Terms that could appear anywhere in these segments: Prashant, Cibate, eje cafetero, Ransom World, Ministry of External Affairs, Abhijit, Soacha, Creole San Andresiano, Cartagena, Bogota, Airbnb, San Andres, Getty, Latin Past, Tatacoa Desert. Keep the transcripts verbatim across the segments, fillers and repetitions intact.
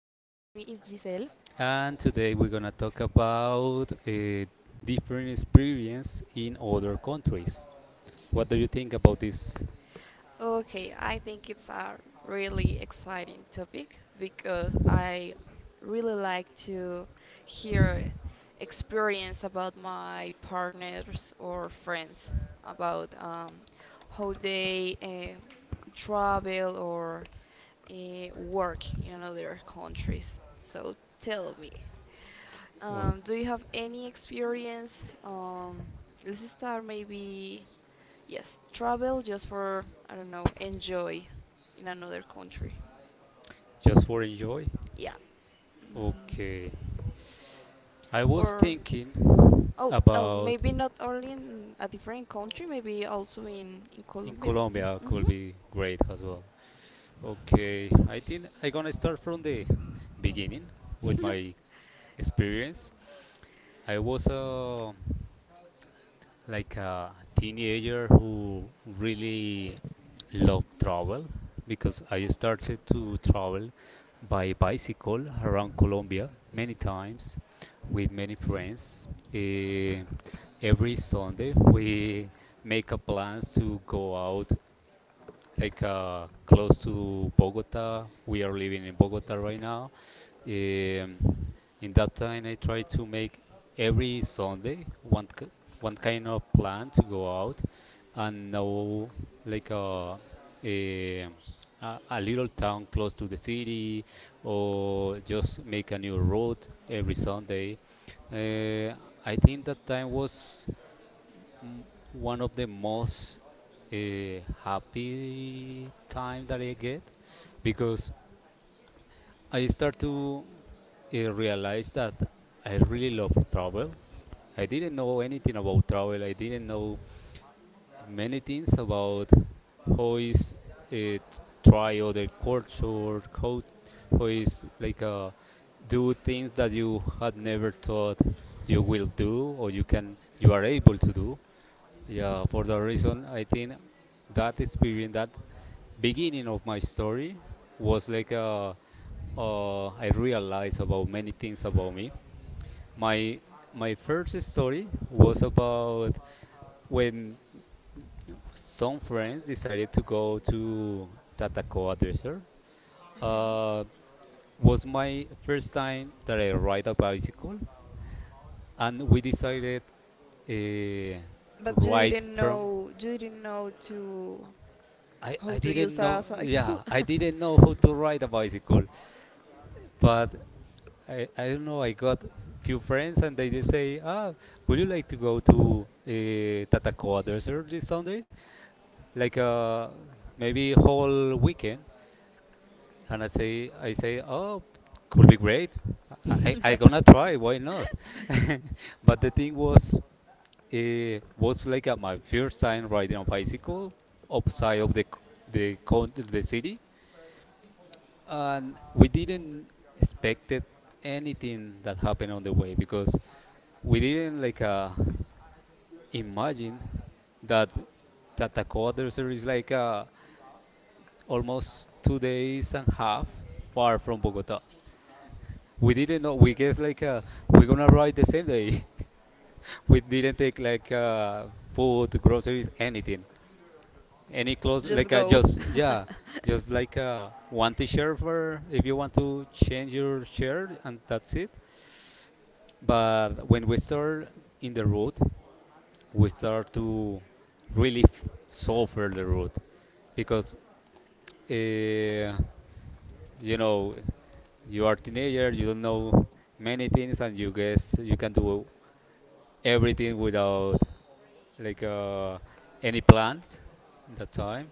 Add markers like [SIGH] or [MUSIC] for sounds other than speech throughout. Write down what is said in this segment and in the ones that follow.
is Giselle. and today we're gonna talk about uh, different experience in other countries. What do you think about this? Okay, I think it's a really exciting topic because I really like to hear experience about my partners or friends about um, how they uh, travel or uh, work in other countries. So tell me. Oh, Um, do you have any experience? Um, let's start maybe, yes, travel just for, I don't know, enjoy in another country. just for enjoy? Yeah. Mhm. Okay. I was Or, thinking oh, oh, about maybe not only in a different country, maybe also in, in in Colombia. Colombia Mm-hmm. could be great as well. Okay, I think I'm gonna start from the beginning with [LAUGHS] my experience. I was a like a teenager who really love travel because I started to travel by bicycle around Colombia many times with many friends. Eh, every Sunday we make a plans to go out like uh, close to Bogota. We are living in Bogota right now, um, in that time, I try to make every Sunday one k- one kind of plan to go out and know like a, a a a little town close to the city, or just make a new route every Sunday. Uh, I think that time was m- one of the most uh, happy time that I get, because I start to I realized that I really love travel. I didn't know anything about travel. I didn't know many things about how is it try other culture, how, how is like uh, do things that you had never thought you will do, or you can you are able to do. Yeah, for that reason, I think that experience, that beginning of my story, was like a uh, I realized about many things about me, my my first story was about when some friends decided to go to Tatacoa Desert. Uh, was my first time that I ride a bicycle, and we decided uh, But you ride didn't from. know you didn't know to I, how I to didn't use a know. cycle. Yeah, I didn't know how to ride a bicycle, but I, I don't know. I got few friends, and they just say, "Ah, would you like to go to uh, Tatacoa Desert this Sunday?" like uh, maybe whole weekend, and I say I say, oh, could be great. I I gonna [LAUGHS] try. Why not? [LAUGHS] But the thing was, it was like uh, my first time riding a bicycle outside of the c- the coun- the city, and we didn't expected anything that happened on the way, because we didn't like uh, imagine that that the co-adversary is like uh, almost two days and half far from Bogota. We didn't know. We guess like uh, we're gonna ride the same day. [LAUGHS] We didn't take like uh, food, groceries, anything, any clothes. Just Like uh, go. just yeah, [LAUGHS] just like uh, one t-shirt for if you want to change your shirt, and that's it. But when we start in the road, we start to really f- suffer the road because, uh, you know, you are teenager, you don't know many things, and you guess you can do everything without like uh, any plan. That time,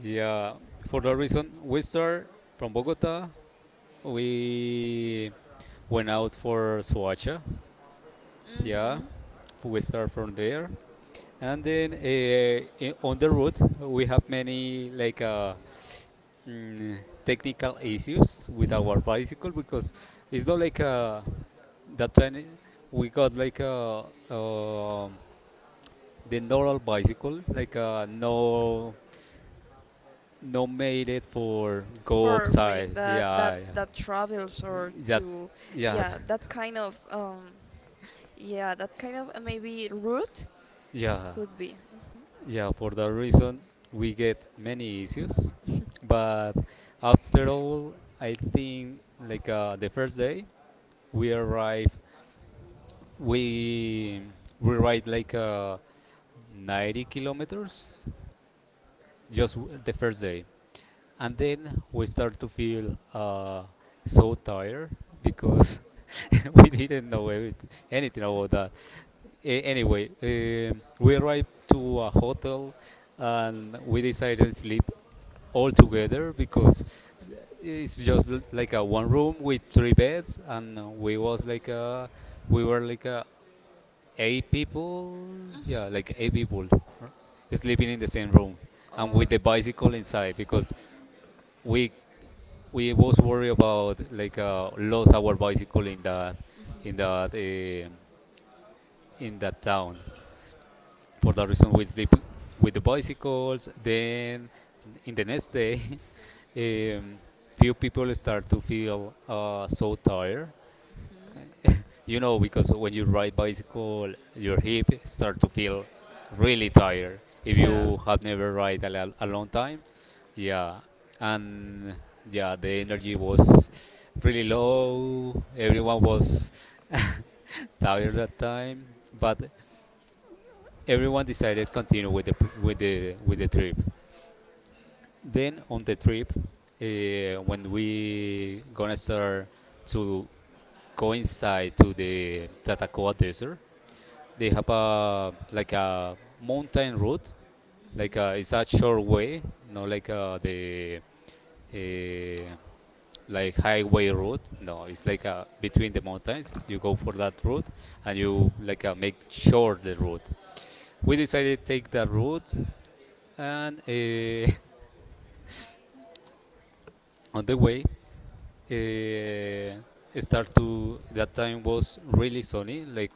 yeah. For that reason, we start from Bogota. We went out for Soacha. Yeah, hmm we start from there, and then uh, i- on the route we have many like uh, mm, technical issues with our bicycle, because it's not like uh, that time we got like a um the normal bicycle like uh, no no made it for go For make upside that that yeah that travels, or yeah to, yeah yeah, yeah that kind of um yeah, that kind of uh, maybe route [LAUGHS] yeah could be. yeah for that reason we get many issues, Mhm. [LAUGHS] but after all I think like uh, the first day we arrive, We we ride like uh, ninety kilometers just w- the first day, and then we start to feel uh, so tired, because [LAUGHS] we didn't know everything, anything about that. A- anyway, um we arrived to a hotel and we decided to sleep all together, because it's just l- like a one room with three beds, and we was like a we were like a eight people, Mhm. yeah, like eight people r- sleeping in the same room, and Oh. with the bicycle inside because we we was worried about like uh, lost our bicycle in the in the uh, in that town. For that reason we sleep with the bicycles, then in the next day [LAUGHS] um, few people start to feel uh, so tired. Mhm. [LAUGHS] You know, because when you ride bicycle your hip start to feel really You tired if know. Yeah. you have never ride a, lo- a long time, yeah, and yeah, the energy was really low, everyone was [LAUGHS] tired that time, but everyone decided continue with the p- with the with the trip. Then on the trip uh, when we gonna start to go inside to the Tatacoa Desert, they have a like a mountain route, like uh, it's a short way, not like uh, the uh, like highway route. No, it's like uh, between the mountains. You go for that route and you like uh, make short the route. We decided to take that route, and uh, [LAUGHS] on the way, uh, start to that time was really sunny, like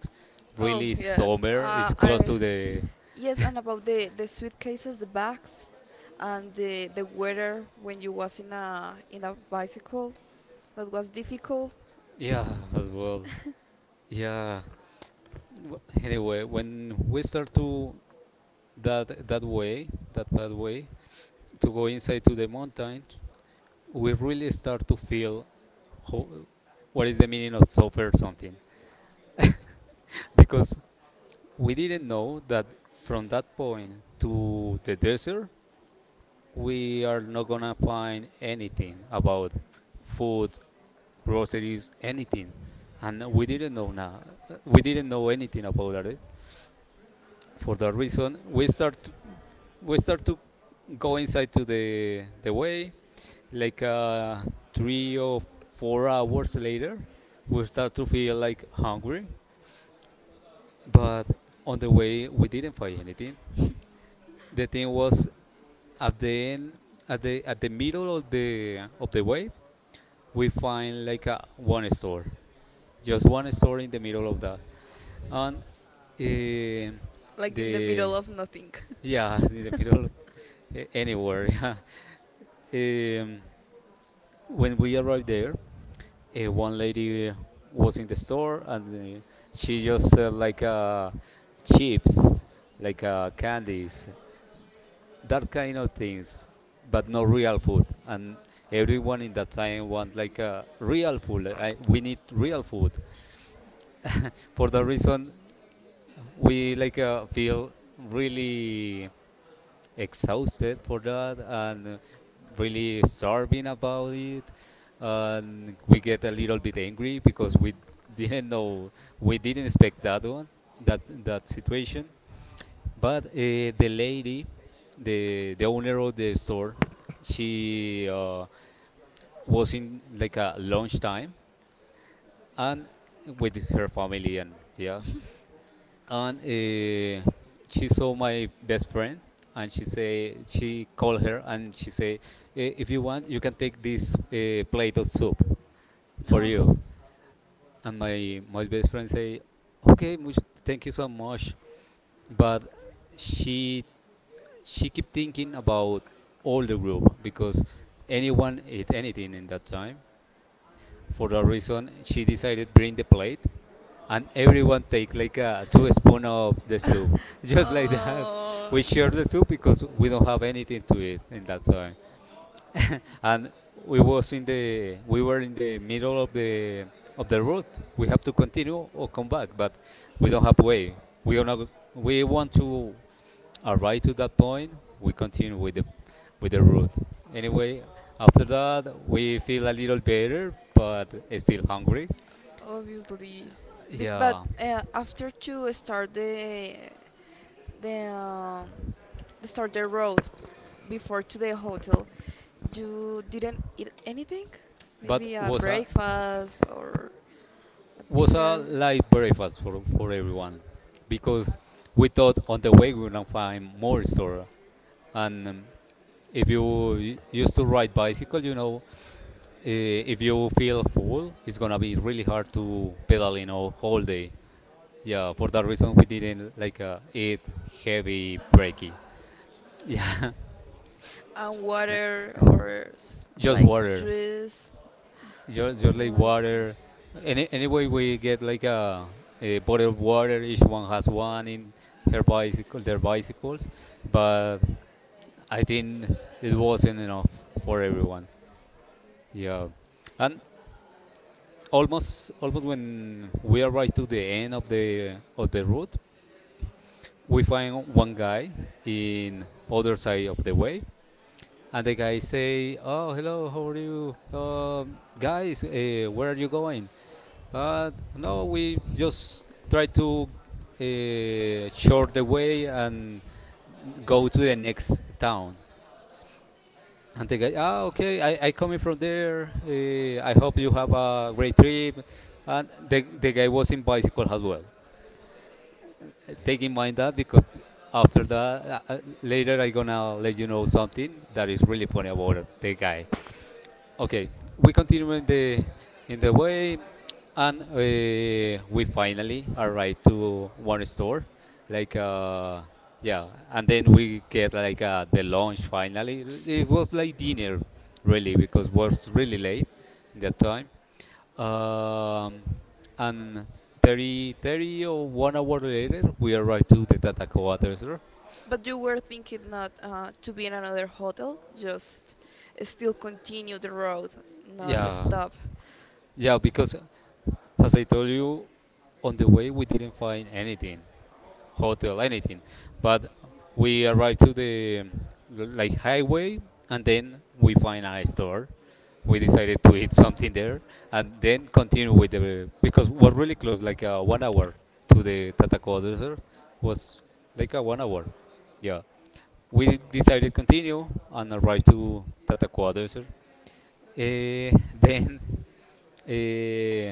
Oh really yes, summer. It's uh, sunny, so close I, to the yes, and about the the suitcases, the bags, and the the weather when you was in a in a bicycle, that was difficult. yeah as well. Yeah. W- Anyway, when we start to that that way, that bad way, to go inside to the mountain, we really start to feel how, what is the meaning of suffer something, because we didn't know that from that point to the desert, we are not gonna find anything about food, groceries, anything, and we didn't know now. We didn't know anything about that. Eh? For that reason we start to, we start to go inside to the the way. Like uh, three or four hours later we start to feel like hungry, but on the way we didn't find anything. The thing was at the end, at the at the middle of the of the way, we find like a one store, just one store in the middle of that, and eh, Like in the the middle of nothing. [LAUGHS] yeah, [LAUGHS] in the middle, a- anywhere. [LAUGHS] Yeah. Um, when we arrived there, uh, one lady was in the store, and uh, she just sell like uh, chips, like uh, candies, that kind of things, but no real food. And everyone in that time want like uh, real food. Like, I, we need real food. [LAUGHS] For that reason, we like uh, feel really exhausted for that, and really starving about it, and we get a little bit angry because we didn't know we didn't expect that one, that that situation. But uh, the lady, the the owner of the store, she uh, was in like a lunchtime, and with her family, and yeah, and uh, she saw my best friend, and she say she called her and she say, "Eh, if you want you can take this uh, plate of soup [LAUGHS] for No. you," and my my best friend say, "Okay much, thank you so much." But she she keep thinking about all the group, because anyone ate anything in that time. For that reason, she decided bring the plate, and everyone take like a two spoon of the soup, [LAUGHS] just like that. [LAUGHS] We share the soup because we don't have anything to eat in that time, [LAUGHS] and we [LAUGHS] was in the we were in the middle of the of the route. We have to continue or come back, but we don't have way. We don't we want to arrive to that point, we continue with the with the route. Anyway, after that we feel a little better, but still hungry. Obviously big, but Yeah, uh, after to start the the um, start the road before to the hotel, you didn't eat anything, but maybe a was a breakfast or a was a dinner? light breakfast for for everyone, because we thought on the way we gonna find more store. And um, if you u- used to ride bicycle, you know, uh, if you feel full, it's gonna be really hard to pedal, you know, whole day. Yeah, for that reason we didn't like uh, eat heavy breaky. Yeah, And water, or s- [LAUGHS] just like water, juice? just, just Oh like my water. Any anyway, we get like a, a bottle of water. Each one has one in her god. bicycle, their bicycles. But I think it wasn't enough for everyone. Yeah, and almost almost when we arrived to the end of the of the route, we find one guy in other side of the way, and the guy say, "Oh, hello, how are you, um, guys? Uh, where are you going?" Uh, no, we just try to uh, short the way and go to the next town. And the guy, ah, okay, I, I coming from there. Uh, I hope you have a great trip. And the, the guy was in bicycle as well. Uh, Take in mind that, because after that, uh, uh, later I gonna let you know something that is really funny about the guy. Okay, we continue in the in the way, and uh, we finally arrived to one store, like uh, yeah, and then we get like uh, the lunch finally. It was like dinner, really, because was really late in that time. Um, and 30, thirty or one hour later, we arrived to the Tatacoa Desert. But you were thinking not uh, to be in another hotel, just still continue the road, not, yeah, Yeah, stop. yeah, because as I told you, on the way we didn't find anything, hotel, anything. But we arrived to the like highway, and then we find a store. We decided to eat something there, and then continue with the because we're really close, like uh, one hour to the Tatacoa Desert, was like a one hour. Yeah, we decided continue and arrive to Tatacoa Desert. Eh, then uh,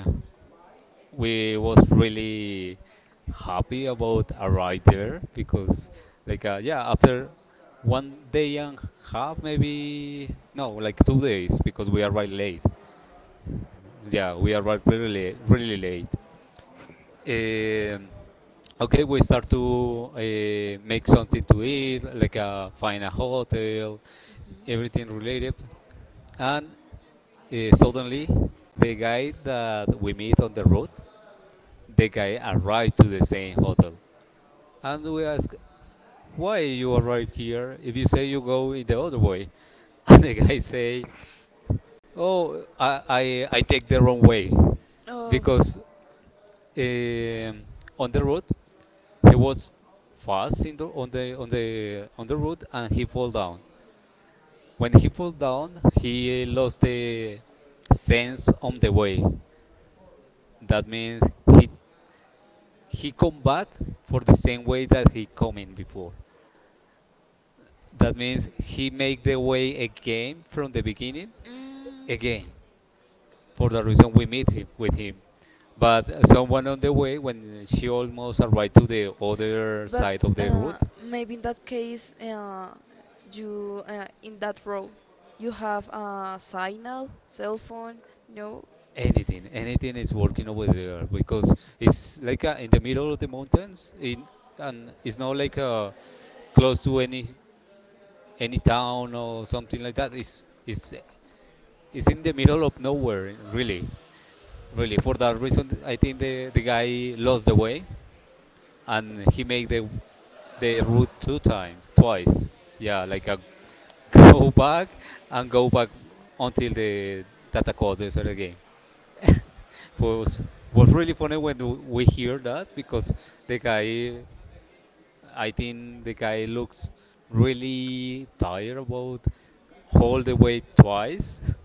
we was really happy about arrive there because like uh, yeah after one day and half, maybe no, like two days because we arrived late. Yeah, we arrived really late, really late. um, okay, we start to uh, make something to eat, like uh, find a hotel, everything related. And uh, suddenly, the guy that we meet on the road the guy arrived to the same hotel, and we asked, "Why you arrived here? If you say you go in the other way," [LAUGHS] and the guy say, "Oh, I I, I take the wrong way, Oh, because um, on the road he was fast in the, on the on the on the road and he fall down. When he fall down, he lost the sense on the way. That means he he come back for the same way that he come in before. That means he make the way again from the beginning, mm, again, for the reason we meet him with him. But uh, someone on the way, when she almost arrived to the other but side of I, the uh, road, maybe in that case, uh, you, uh, in that road, you have a signal, cell phone, no. anything, anything is working over there because it's like uh in the middle of the mountains, in, and it's not like uh close to any any town or something like that. It's it's It's in the middle of nowhere, really, really. For that reason, I think the, the guy lost the way, and he made the the route two times, twice. Yeah, like a [LAUGHS] go back and go back until the data code is the game. [LAUGHS] was was really funny when w- we hear that, because the guy, I think the guy looks really tired about all the way twice. [LAUGHS]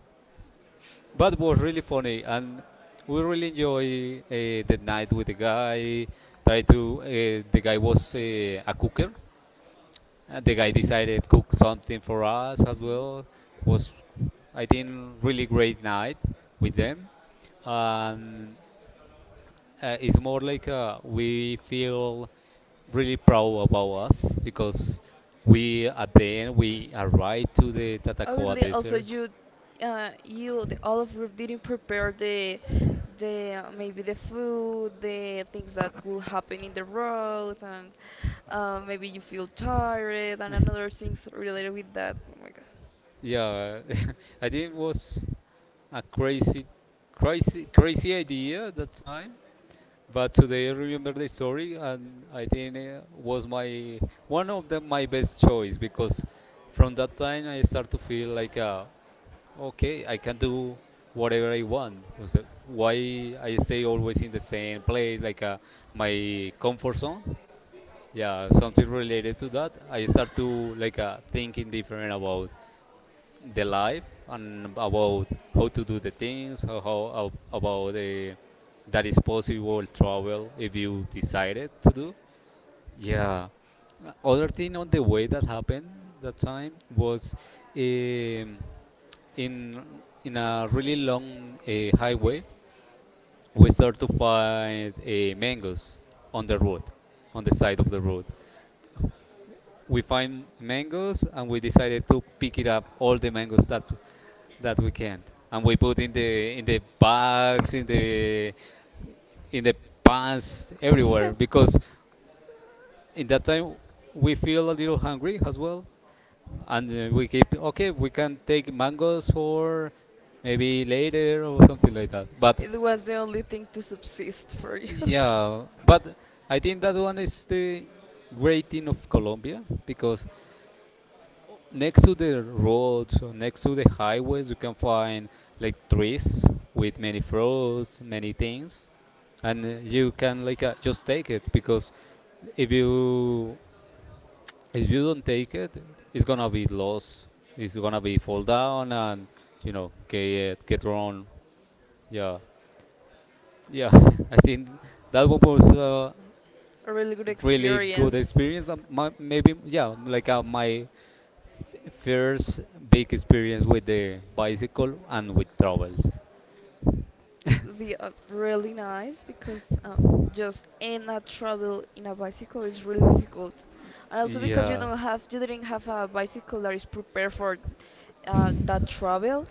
But it was really funny, and we really enjoy uh, the night with the guy. Try to uh, The guy was uh, a cooker, and the guy decided to cook something for us as Mmhmm. well. Was, I think, really great night with them. And uh, it's more like uh, we feel really proud about us because we, at the end, we arrived to the Tatacoa Obviously, also Desert. you, uh, you the all of group didn't prepare the, the uh, maybe the food, the things that will happen in the road, and uh, maybe you feel tired and another things related with that. Oh my Yeah. [LAUGHS] I think it was a crazy, crazy, crazy idea at that time. But today I remember the story, and I think it was my one of the, my best choice, because from that time I start to feel like, uh, okay, I can do whatever I want. Was it- Why I stay always in the same place, like uh, my comfort zone? Yeah, something related to that. I start to like uh, thinking different about the life, and about how to do the things, how, how ab- about the that is possible travel if you decided to do. Yeah. Other thing on the way that happened that time was, um, in in a really long uh, highway. We start to find uh, mangoes on the road, on the side of the road. We find mangoes, and we decided to god. pick it up all the mangoes that [LAUGHS] that we can, and we put in the in the bags, in the in the pans, everywhere, because in that time we feel a little hungry as well. And uh, we keep, okay, we can take mangoes for maybe later or something like that. But It was the only thing to subsist for you. [LAUGHS] A yeah, but I think that one is the great thing of Colombia, because next to the roads or next to the highways, you can find like trees with many fruits, many things. And uh, you can like uh, just take it, because if you if you don't take it, it's gonna be lost, it's gonna be fall down, and you know get get thrown. Yeah. Yeah, [LAUGHS] I think that was a really good really good experience. experience. Um, my, maybe yeah, like uh, my first big experience with the bicycle and with travels. It would be uh, really nice because um, just in a travel in a bicycle is really difficult, and also because you Yeah, don't have you didn't have a bicycle that is prepared for uh, that travel,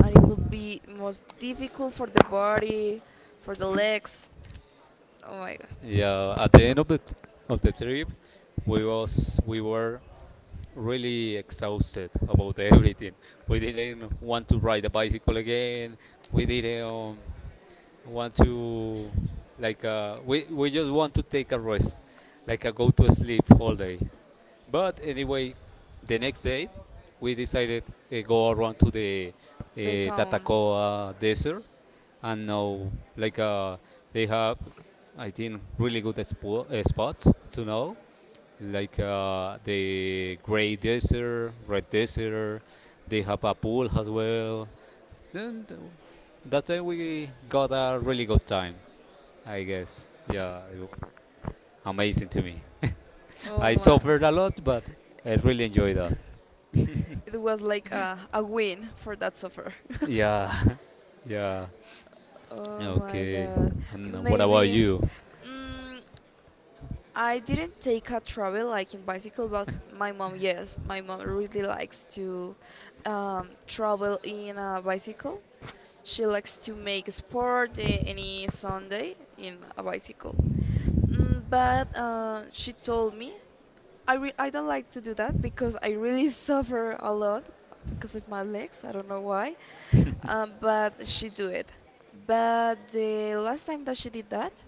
and it would be most difficult for the body, for the legs. Oh my god. yeah. At the end of the of the trip, we was we were really exhausted about [LAUGHS] everything. We didn't want to ride the bicycle again. We didn't want to like uh, we we just want to take a rest, like a go to sleep all day. But anyway, the next day we decided uh, go around to the uh, Tatacoa Desert. And now, like uh, they have, I think, really good expo- uh, spots to know, like uh, the gray desert, red desert. They have a pool as well. And uh, that time we got a really good time. I guess yeah, it was amazing to me. Oh I suffer. suffered a lot, but I really enjoyed that. It was like a, a win for that suffer. [LAUGHS] Yeah. [LAUGHS] Yeah. Oh my Okay. god. And what about Maybe you? mm, I didn't take a travel like in bicycle, but my mom, yes, my mom really likes to um, travel in a bicycle. She likes to make sport, eh, any Sunday in a bicycle. Mm, but uh, she told me I re- I don't like to do that because I really [LAUGHS] suffer a lot because of my legs. I don't know why, [LAUGHS] um, but she do it. But the last time that she did that,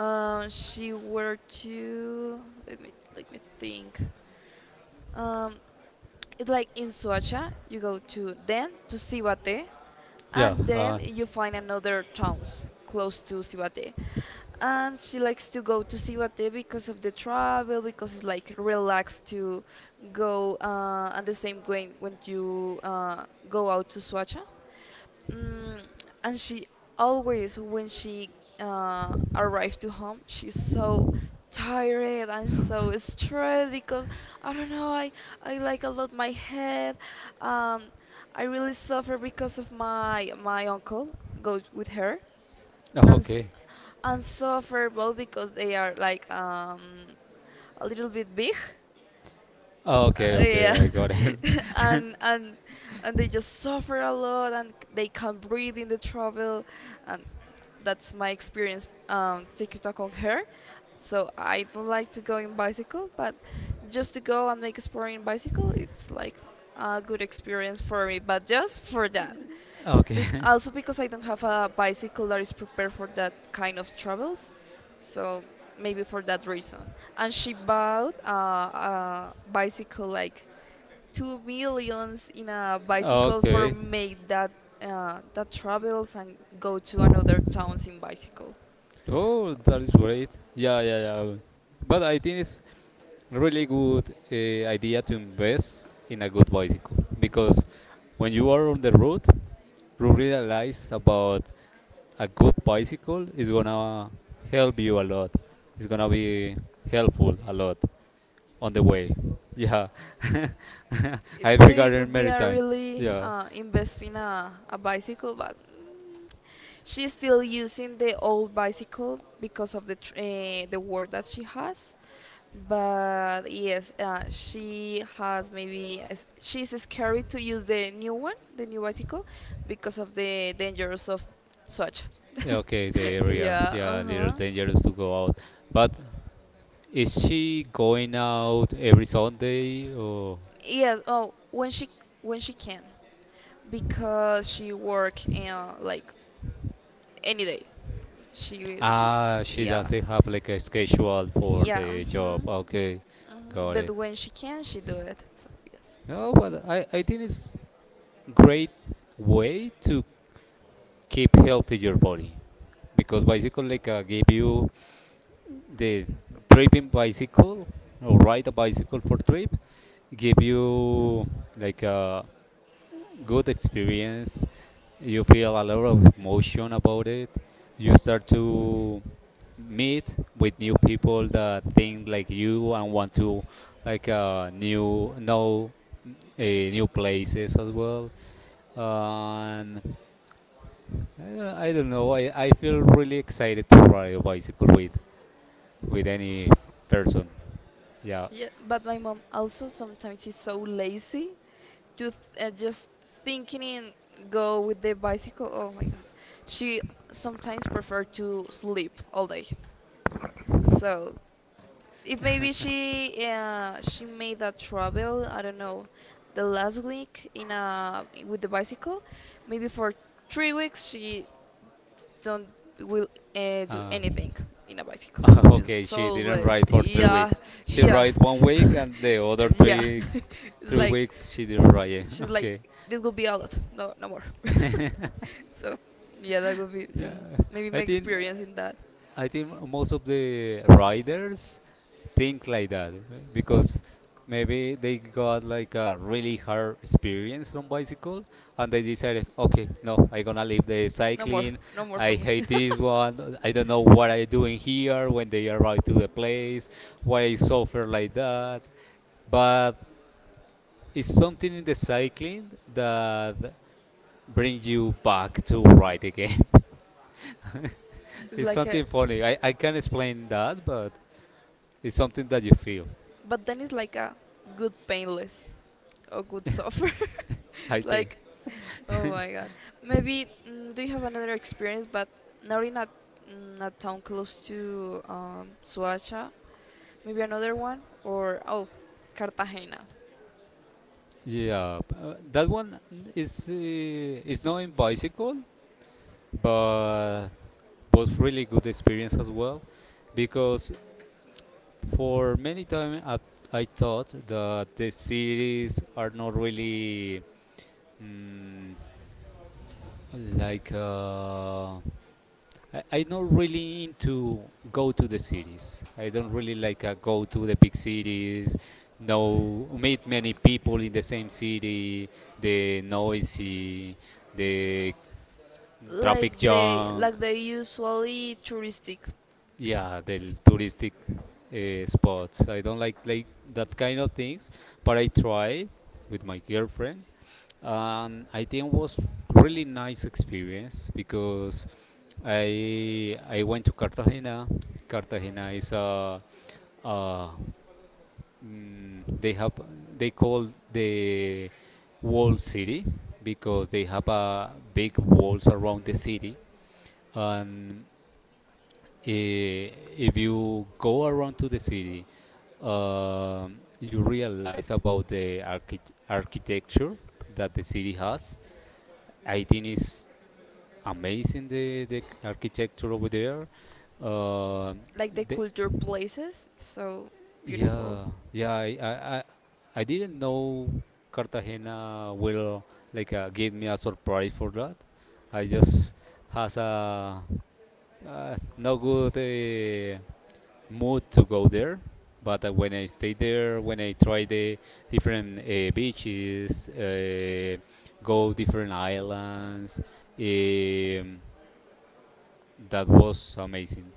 um, she were to let me let me think. Um, it's like in Soacha, you go to then to Cibate, Yeah. and then Uh, you find another towns close to Cibate. And she likes to go to Cibate because of the travel, because it's like relaxed to go, uh, and the same way when you uh, go out to Soacha. Mm, and she always, when she uh, arrived to home, she's so tired and so stressed because I don't know. I I like a lot my head. Um, I really suffer because of my my uncle goes with her, oh, and s- okay. and suffer both because they are like um, a little bit big, Oh, uh, okay. yeah, Okay. I got [LAUGHS] it. [LAUGHS] and and and they just suffer a lot, and c- they can't breathe in the travel, and that's my experience. Um, take your talk on her. So I don't like to go in bicycle, but just to go and make a sport in bicycle, it's like a good experience for me. But just for that, Okay. bec- also [LAUGHS] because I don't have a bicycle that is prepared for that kind of travels, so maybe for that reason. And she bought uh, a bicycle like two millions in a bicycle for Okay. make that uh, that travels and go to another towns in bicycle. Oh, that is great. Yeah. Yeah. Yeah. But I think it's really good uh, idea to invest in a good bicycle, because when you are on the road, you realize about a good bicycle is gonna help you a lot. It's gonna be helpful a lot on the way. Yeah, [LAUGHS] It I maybe regarding could be a maritime. really Yeah, uh, invest in a, a bicycle, but mm, she's still using the old bicycle because of the tr- uh, the work that she has. But yes, uh, she has maybe a s- she's scared to use the new one, the new bicycle, because of the dangers of such. [LAUGHS] okay, the area. Yeah. Yeah, Uh little huh. dangerous to go out. But is she going out every Sunday or? Yeah. Oh, when she when she can because she work in like any day. She will, Ah, she yeah, doesn't have like a schedule for yeah. the Hmm. job. Okay, Hmm. got But it. when she can, she do it. So yes. No, Mhm. but I, I think it's great way to keep healthy your body, because bicycle like uh, give you the tripping bicycle or ride a bicycle for trip give you like a good experience. You feel a lot of emotion about it. You start to meet with new people that think like you and want to like uh, new know uh, new places as well. And I don't, I don't know. I, I feel really excited to ride a bicycle with with any person. Yeah. Yeah, but my mom also sometimes is so lazy to th- uh, just thinking in go with the bicycle. Oh my god, she sometimes prefer to sleep all day. So if maybe she uh, she made that trouble, I don't know, the last week in a with the bicycle, maybe for three weeks she don't will uh, do Uh, anything in a bicycle. [LAUGHS] It's okay, she so didn't less. ride for three Yeah. weeks. She Yeah. ride one [LAUGHS] week, and the other Yeah. three weeks, [LAUGHS] It's three like weeks she didn't ride. [LAUGHS] she's like Okay. this will be a lot, no no more. [LAUGHS] [LAUGHS] So yeah, that would be, Yeah, mm, maybe I my think. uh, experience in that. I think most of the riders think like that uh, because maybe they got like a really hard experience on bicycle, and they decided okay, no, I'm gonna leave the No more. cycling. No more for I me. [LAUGHS] hate this one, I don't know what I doing here when they arrive to the place. Why I suffer like that? But it's something in the cycling that brings you back to ride again. [LAUGHS] It's It's like a, something funny. i, I can't explain that, but it's something that you feel. but then it's like a good painless or good suffer. I [LAUGHS] think. Like, oh my god. Maybe, mm, do you have another experience, but not in a, mm, a town close to um, Suacha? Maybe another one, or oh, Cartagena. Yeah, b- uh, that one is uh, is not in bicycle, but was really good experience as well, because for many time I, I thought that the cities are not really, mm, like. Uh, I, I'm not really into go to the cities. I don't really like uh, go to the big cities. No, meet many people in the same city, the noisy, the traffic Like they junk, like the usually touristic s- yeah, the l- touristic uh, spots. I don't like like that kind of things, but I try with my girlfriend. Um, I think was really nice experience because I I went to Cartagena. Cartagena is a, a mm, they have, they call the wall city because they have a big walls around the city. And eh, if you go around to the city, um, you realize about the archi- architecture that the city has. I think it's amazing the the architecture over there. Uh, Like the the, culture places, so beautiful. yeah, yeah. I, I I I didn't know Cartagena will like uh, give me a surprise for that. I just has a uh, no good uh, mood to go there. But uh, when I stay there, when I try the different uh, beaches, uh, go different islands, um, that was amazing.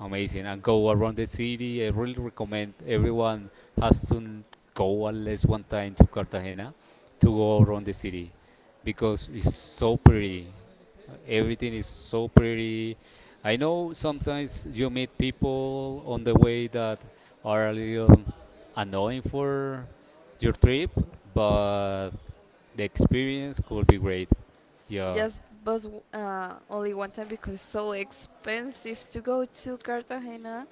Amazing. And go around the city. I really recommend everyone has to go at least one time to Cartagena, to go around the city, because it's so pretty. Everything is so pretty. I know sometimes you meet people on the way that are a little annoying for your trip, but the experience could be great. Yeah, Yes, but uh, only one time because it's so expensive to go to Cartagena.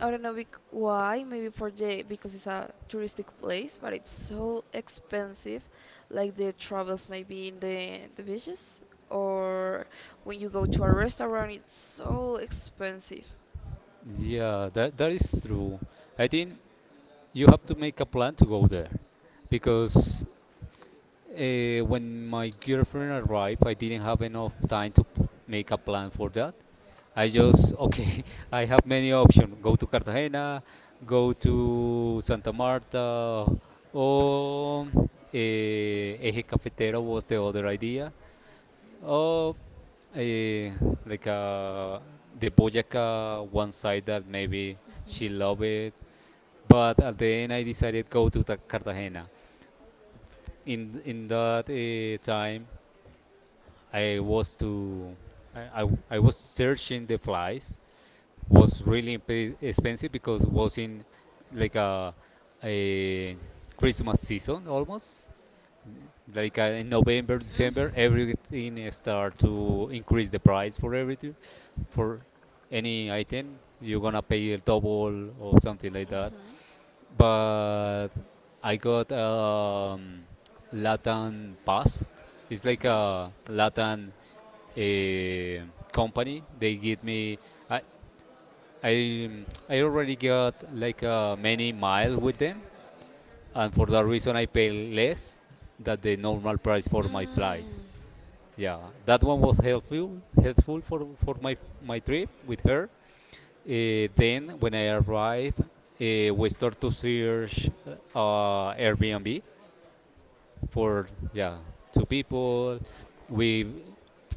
I don't know bec- why. Maybe for the, because it's a touristic place, but it's so expensive. Like the travels maybe in the the beaches, or when you go to a restaurant, it's so expensive. yeah, that that is true. I think you have to make a plan to go there, because uh, when my girlfriend arrived, I didn't have enough time to p- make a plan for that. I just okay, [LAUGHS] I have many options: go to Cartagena, go to Santa Marta, or eh, Eje Cafetero was the other idea, or eh, like uh, the Boyaca one side that maybe she loved it. But at the end, I decided go to Ta- Cartagena. in in that uh, time I was to I, I, I was searching the flies. Was really imp- expensive, because it was in like a, a Christmas season almost, like uh, in November, December, everything start to increase the price for everything. For any item you're gonna pay double or something like that. But I got, um, Latin Past. It's like a Latin uh, company. They give me. I I I already got like uh, many miles with them, and for that reason I pay less than the normal price for my flights. Yeah, that one was helpful helpful for for my my trip with her. Uh, then when I arrived, uh, we start to search uh, Airbnb for, yeah, two people. We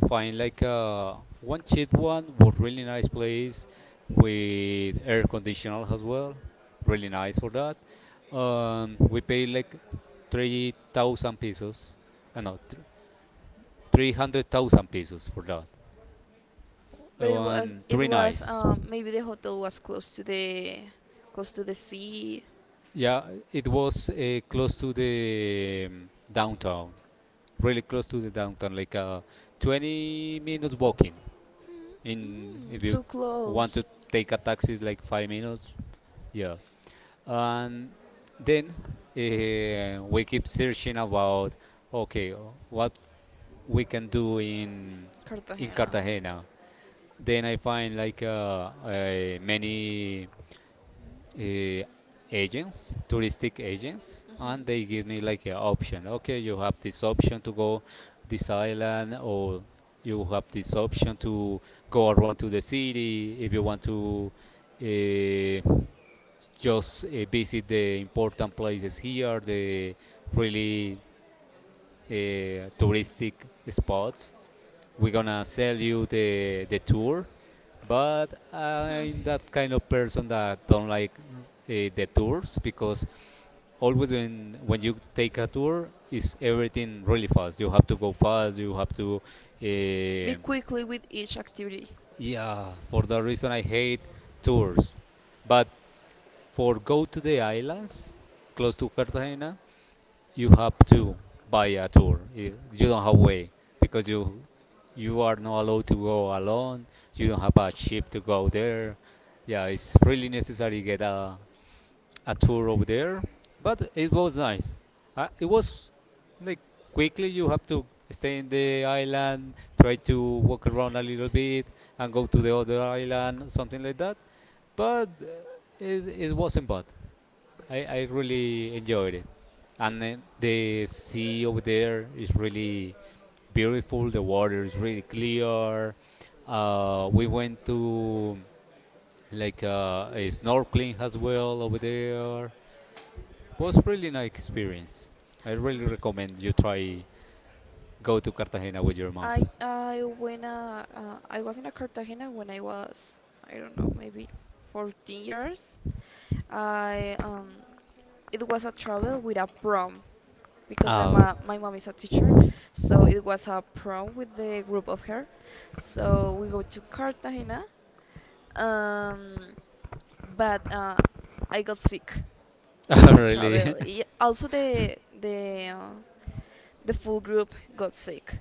find like a one cheap one, but really nice place with air conditioner as well. Really nice for that. Um, we pay like three thousand pesos. Uh, no, th- three hundred thousand pesos for that. But it was, On it three was nights. um maybe the hotel was close to the close to the sea. Yeah, it was uh, close to the um, downtown, really close to the downtown, like a twenty minutes walking. In if Mm, you so want close. to take a taxi, it's like five minutes. Yeah, and then uh, we keep searching about okay, uh, what we can do in in Cartagena. Cartagena. Then I find like uh, uh, many uh, agents, touristic agents, and they give me like an option. Okay, you have this option to go this island, or you have this option to go around to the city if you want to uh, just uh, visit the important places here, the really uh, touristic spots. We're gonna sell you the the tour, but I'm that kind of person that don't like uh, the tours because always when when you take a tour is everything really fast. You have to go fast, you have to uh, Quickly with each activity. yeah, for that reason I hate tours. But for go to the islands close to Cartagena, you have to buy a tour. You you don't have way because you you are not allowed to go alone. You don't have a ship to go there. Yeah, it's really necessary to get a, a tour over there. But it was nice. Uh, it was like quickly you have to stay in the island, try to walk around a little bit, and go to the other island, something like that. But uh, it, it wasn't bad. I, I really enjoyed it. And then the sea over there is really beautiful. The water is really clear. Uh, we went to like uh, a snorkeling as well over there. Was really nice experience. I really recommend you try go to Cartagena with your mom. I I went, uh, uh, I was in a Cartagena when I was, I don't know, maybe fourteen years. I um It was a travel with a prom because my Ah, okay. ma- [LAUGHS] my mom is a teacher, so it was a prom with the group of her. So we go to Cartagena, um, but uh, I got sick in Ah, the travel. really? Y- Also, the the uh, the full group got sick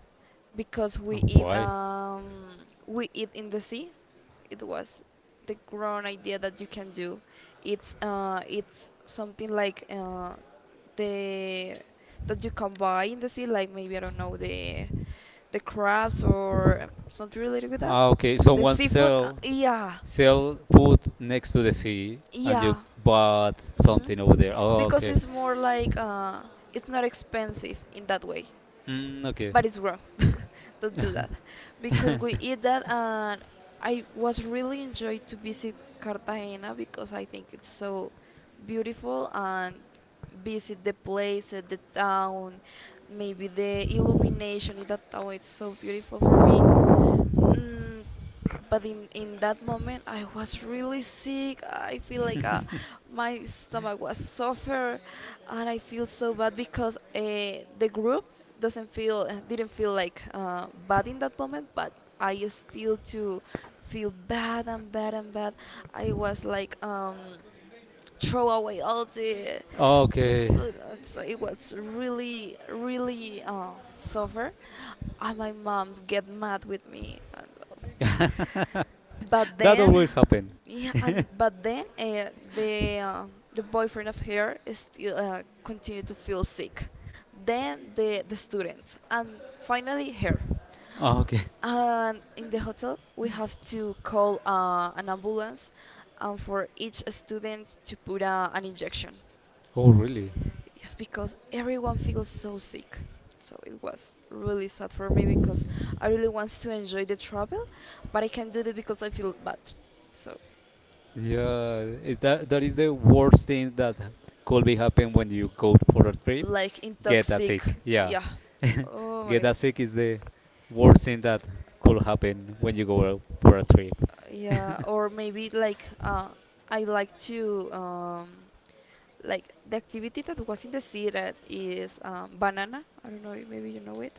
because we [LAUGHS] eat Why? um we eat in the sea. It was the grown idea that you can do. It's uh it's something like uh the that you can buy in the sea, like maybe I don't know the the crabs, or um, something related with that. Ah, okay. The Someone seafood, uh, sell yeah, sell food next to the sea, and you yeah. bought Hmm. something over there. Oh, Because okay. it's more like uh, it's not expensive in that way, Mm, okay. but it's wrong. [LAUGHS] Don't do that because we eat that, and I was really enjoyed to visit Cartagena because I think it's so beautiful, and visit the place, uh, the town, maybe the illumination in that town. It's so beautiful for me. Mm, but in in that moment, I was really sick. I feel like uh, my stomach was suffer, and I feel so bad because uh, the group doesn't feel, uh, didn't feel like uh, bad in that moment, but I still to feel bad and bad and bad. I was like um throw away all the Oh, the okay. food. uh, So it was really, really, uh, suffer. And my mom get mad with me. And, [LAUGHS] but That then, always happen. yeah, [LAUGHS] and but then uh, the uh, the boyfriend of her is still, uh, continued to feel sick, then the the student, and finally her, Okay. and in the hotel we have to call uh, an ambulance, and for each student to put uh, an injection. Oh, really? Yes, because everyone feels so sick. So it was really sad for me because I really wants to enjoy the travel, but I can't do it because I feel bad. So, Yeah. Is that that is the worst thing that could be happen when you go for a trip? like Get a intoxic. sick. Yeah. Yeah. Oh [LAUGHS] my Get a god. sick is the worst thing that could happen when you go out for a trip. Uh, Yeah. Or maybe like uh, I like to um, like the activity that was in the sea that is, um, banana. I don't know. Maybe you know it.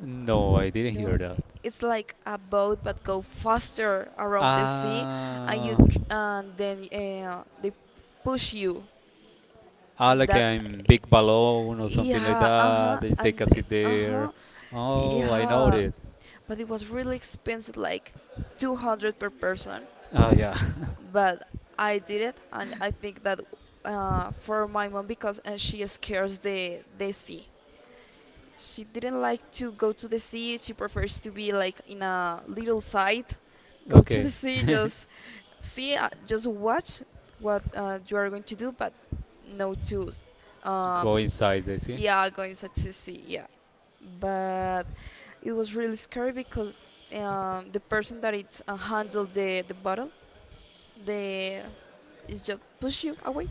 No, I didn't You know, hear that. it's like a boat but go faster around the sea, and you Ah, tr- and then uh, they push you ah, in like that, I'm big balloon or something like yeah, uh-huh, that. You take and a eh, seat there. uh-huh, Oh, I know yeah, it. but it was really expensive, like two hundred per person. Oh yeah. [LAUGHS] But I did it, and I think that uh, for my mom, because uh, she scares the the sea, she didn't like to go to the sea. She prefers to be like in a little site, go to the Okay. sea, [LAUGHS] just see, uh, just watch what uh, you are going to do, but no to, um, Go inside, they see. yeah, going to the sea, yeah. But it was really scary because um, the person that it uh, handled the the bottle, they is just push you away,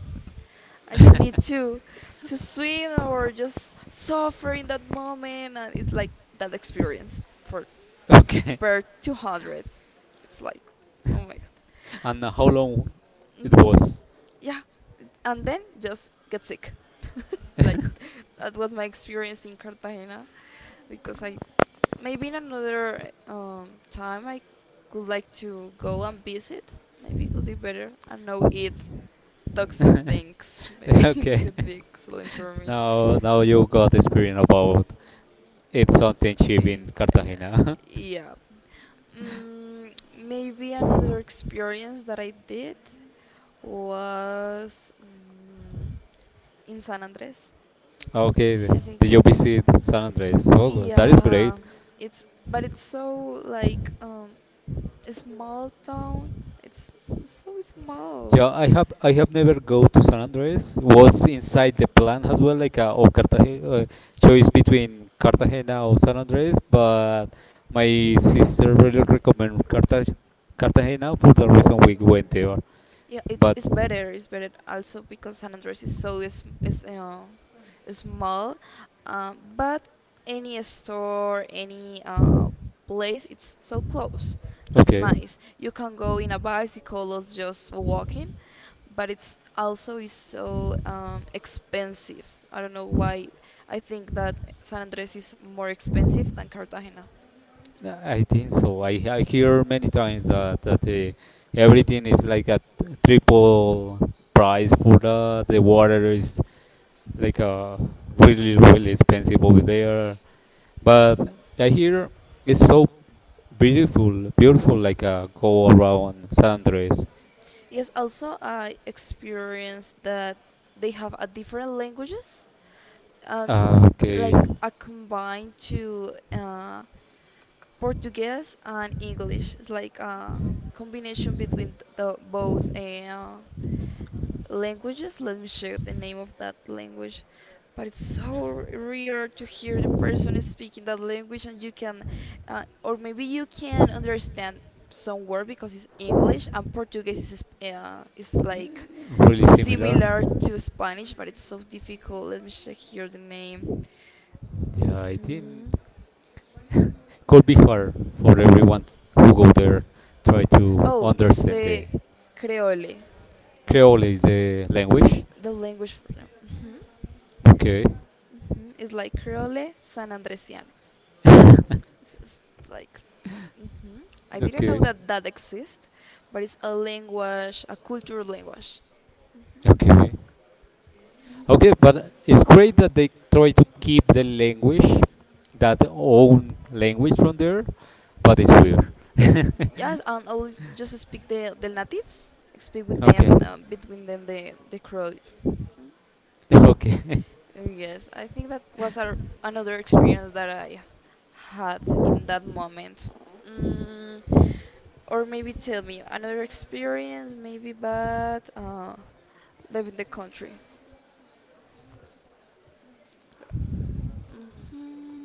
and you need to to swim or just suffer in that moment, and it's like that experience for Okay. per two hundred. It's like oh my [LAUGHS] And how long god. it Hmm. was? Yeah. And then just get sick like that was my experience in Cartagena. Because I, maybe in another um, time I could like to go and visit, maybe it could be better and no eat toxic things. [LAUGHS] Maybe [LAUGHS] it Okay. could be excellent for me. Now now you got experience about it's something cheap Eh, in eh, Cartagena. [LAUGHS] yeah. Mm, maybe another experience that I did was, mm, in San Andres. Okay. I think, Did you visit San Andres? Oh, that is great. yeah, it's, but it's so like um, a small town. It's s- so small. Yeah, I have I have never go to San Andres. Was inside the plan as well, like uh, or Cartagena, uh, choice between Cartagena or San Andres, but my sister really recommend Cartag- Cartagena for the reason we went there. Yeah, it's But it's better. It's better also because San Andres is so is is uh, small, um, but any store, any uh, place, it's so close. That's okay, nice. You can go in a bicycle or just walking, but it's also is so, um, expensive. I don't know why. I think that San Andres is more expensive than Cartagena. I think so. I I hear many times that that uh, everything is like a triple price for the the water is like uh really really expensive over there. But I hear it's so beautiful, beautiful like a go around San Andres. Yes, also I experienced that they have a different languages, um, Ah, okay, like a combine to uh, Portuguese and English. It's like a combination between the both, uh, languages. Let me check the name of that language. But it's so r- rare to hear the person is speaking that language, and you can, uh, or maybe you can understand some word because it's English and Portuguese is sp- uh, is like really similar. similar to Spanish, but it's so difficult. Let me check here the name. Yeah, I think Hmm. could be hard for everyone who go there try to Oh, it's understand the the Creole, Creole is the language. the language for them. Hmm. Okay, Hmm. It's like Creole San Andresiano. It's, it's like, hmm, I didn't okay, know that that exists, but it's a language, a cultural language. okay, okay. But it's great that they try to keep the language, that own language from there. But it's weird. Yes, and always just speak the, the natives, speak with [LAUGHS] Okay, them, uh, between them the, the Creole. okay. Yes, I think that was our, another experience that I had in that moment. Mm, or maybe tell me another experience, maybe bad, uh, live in the country. Hmm.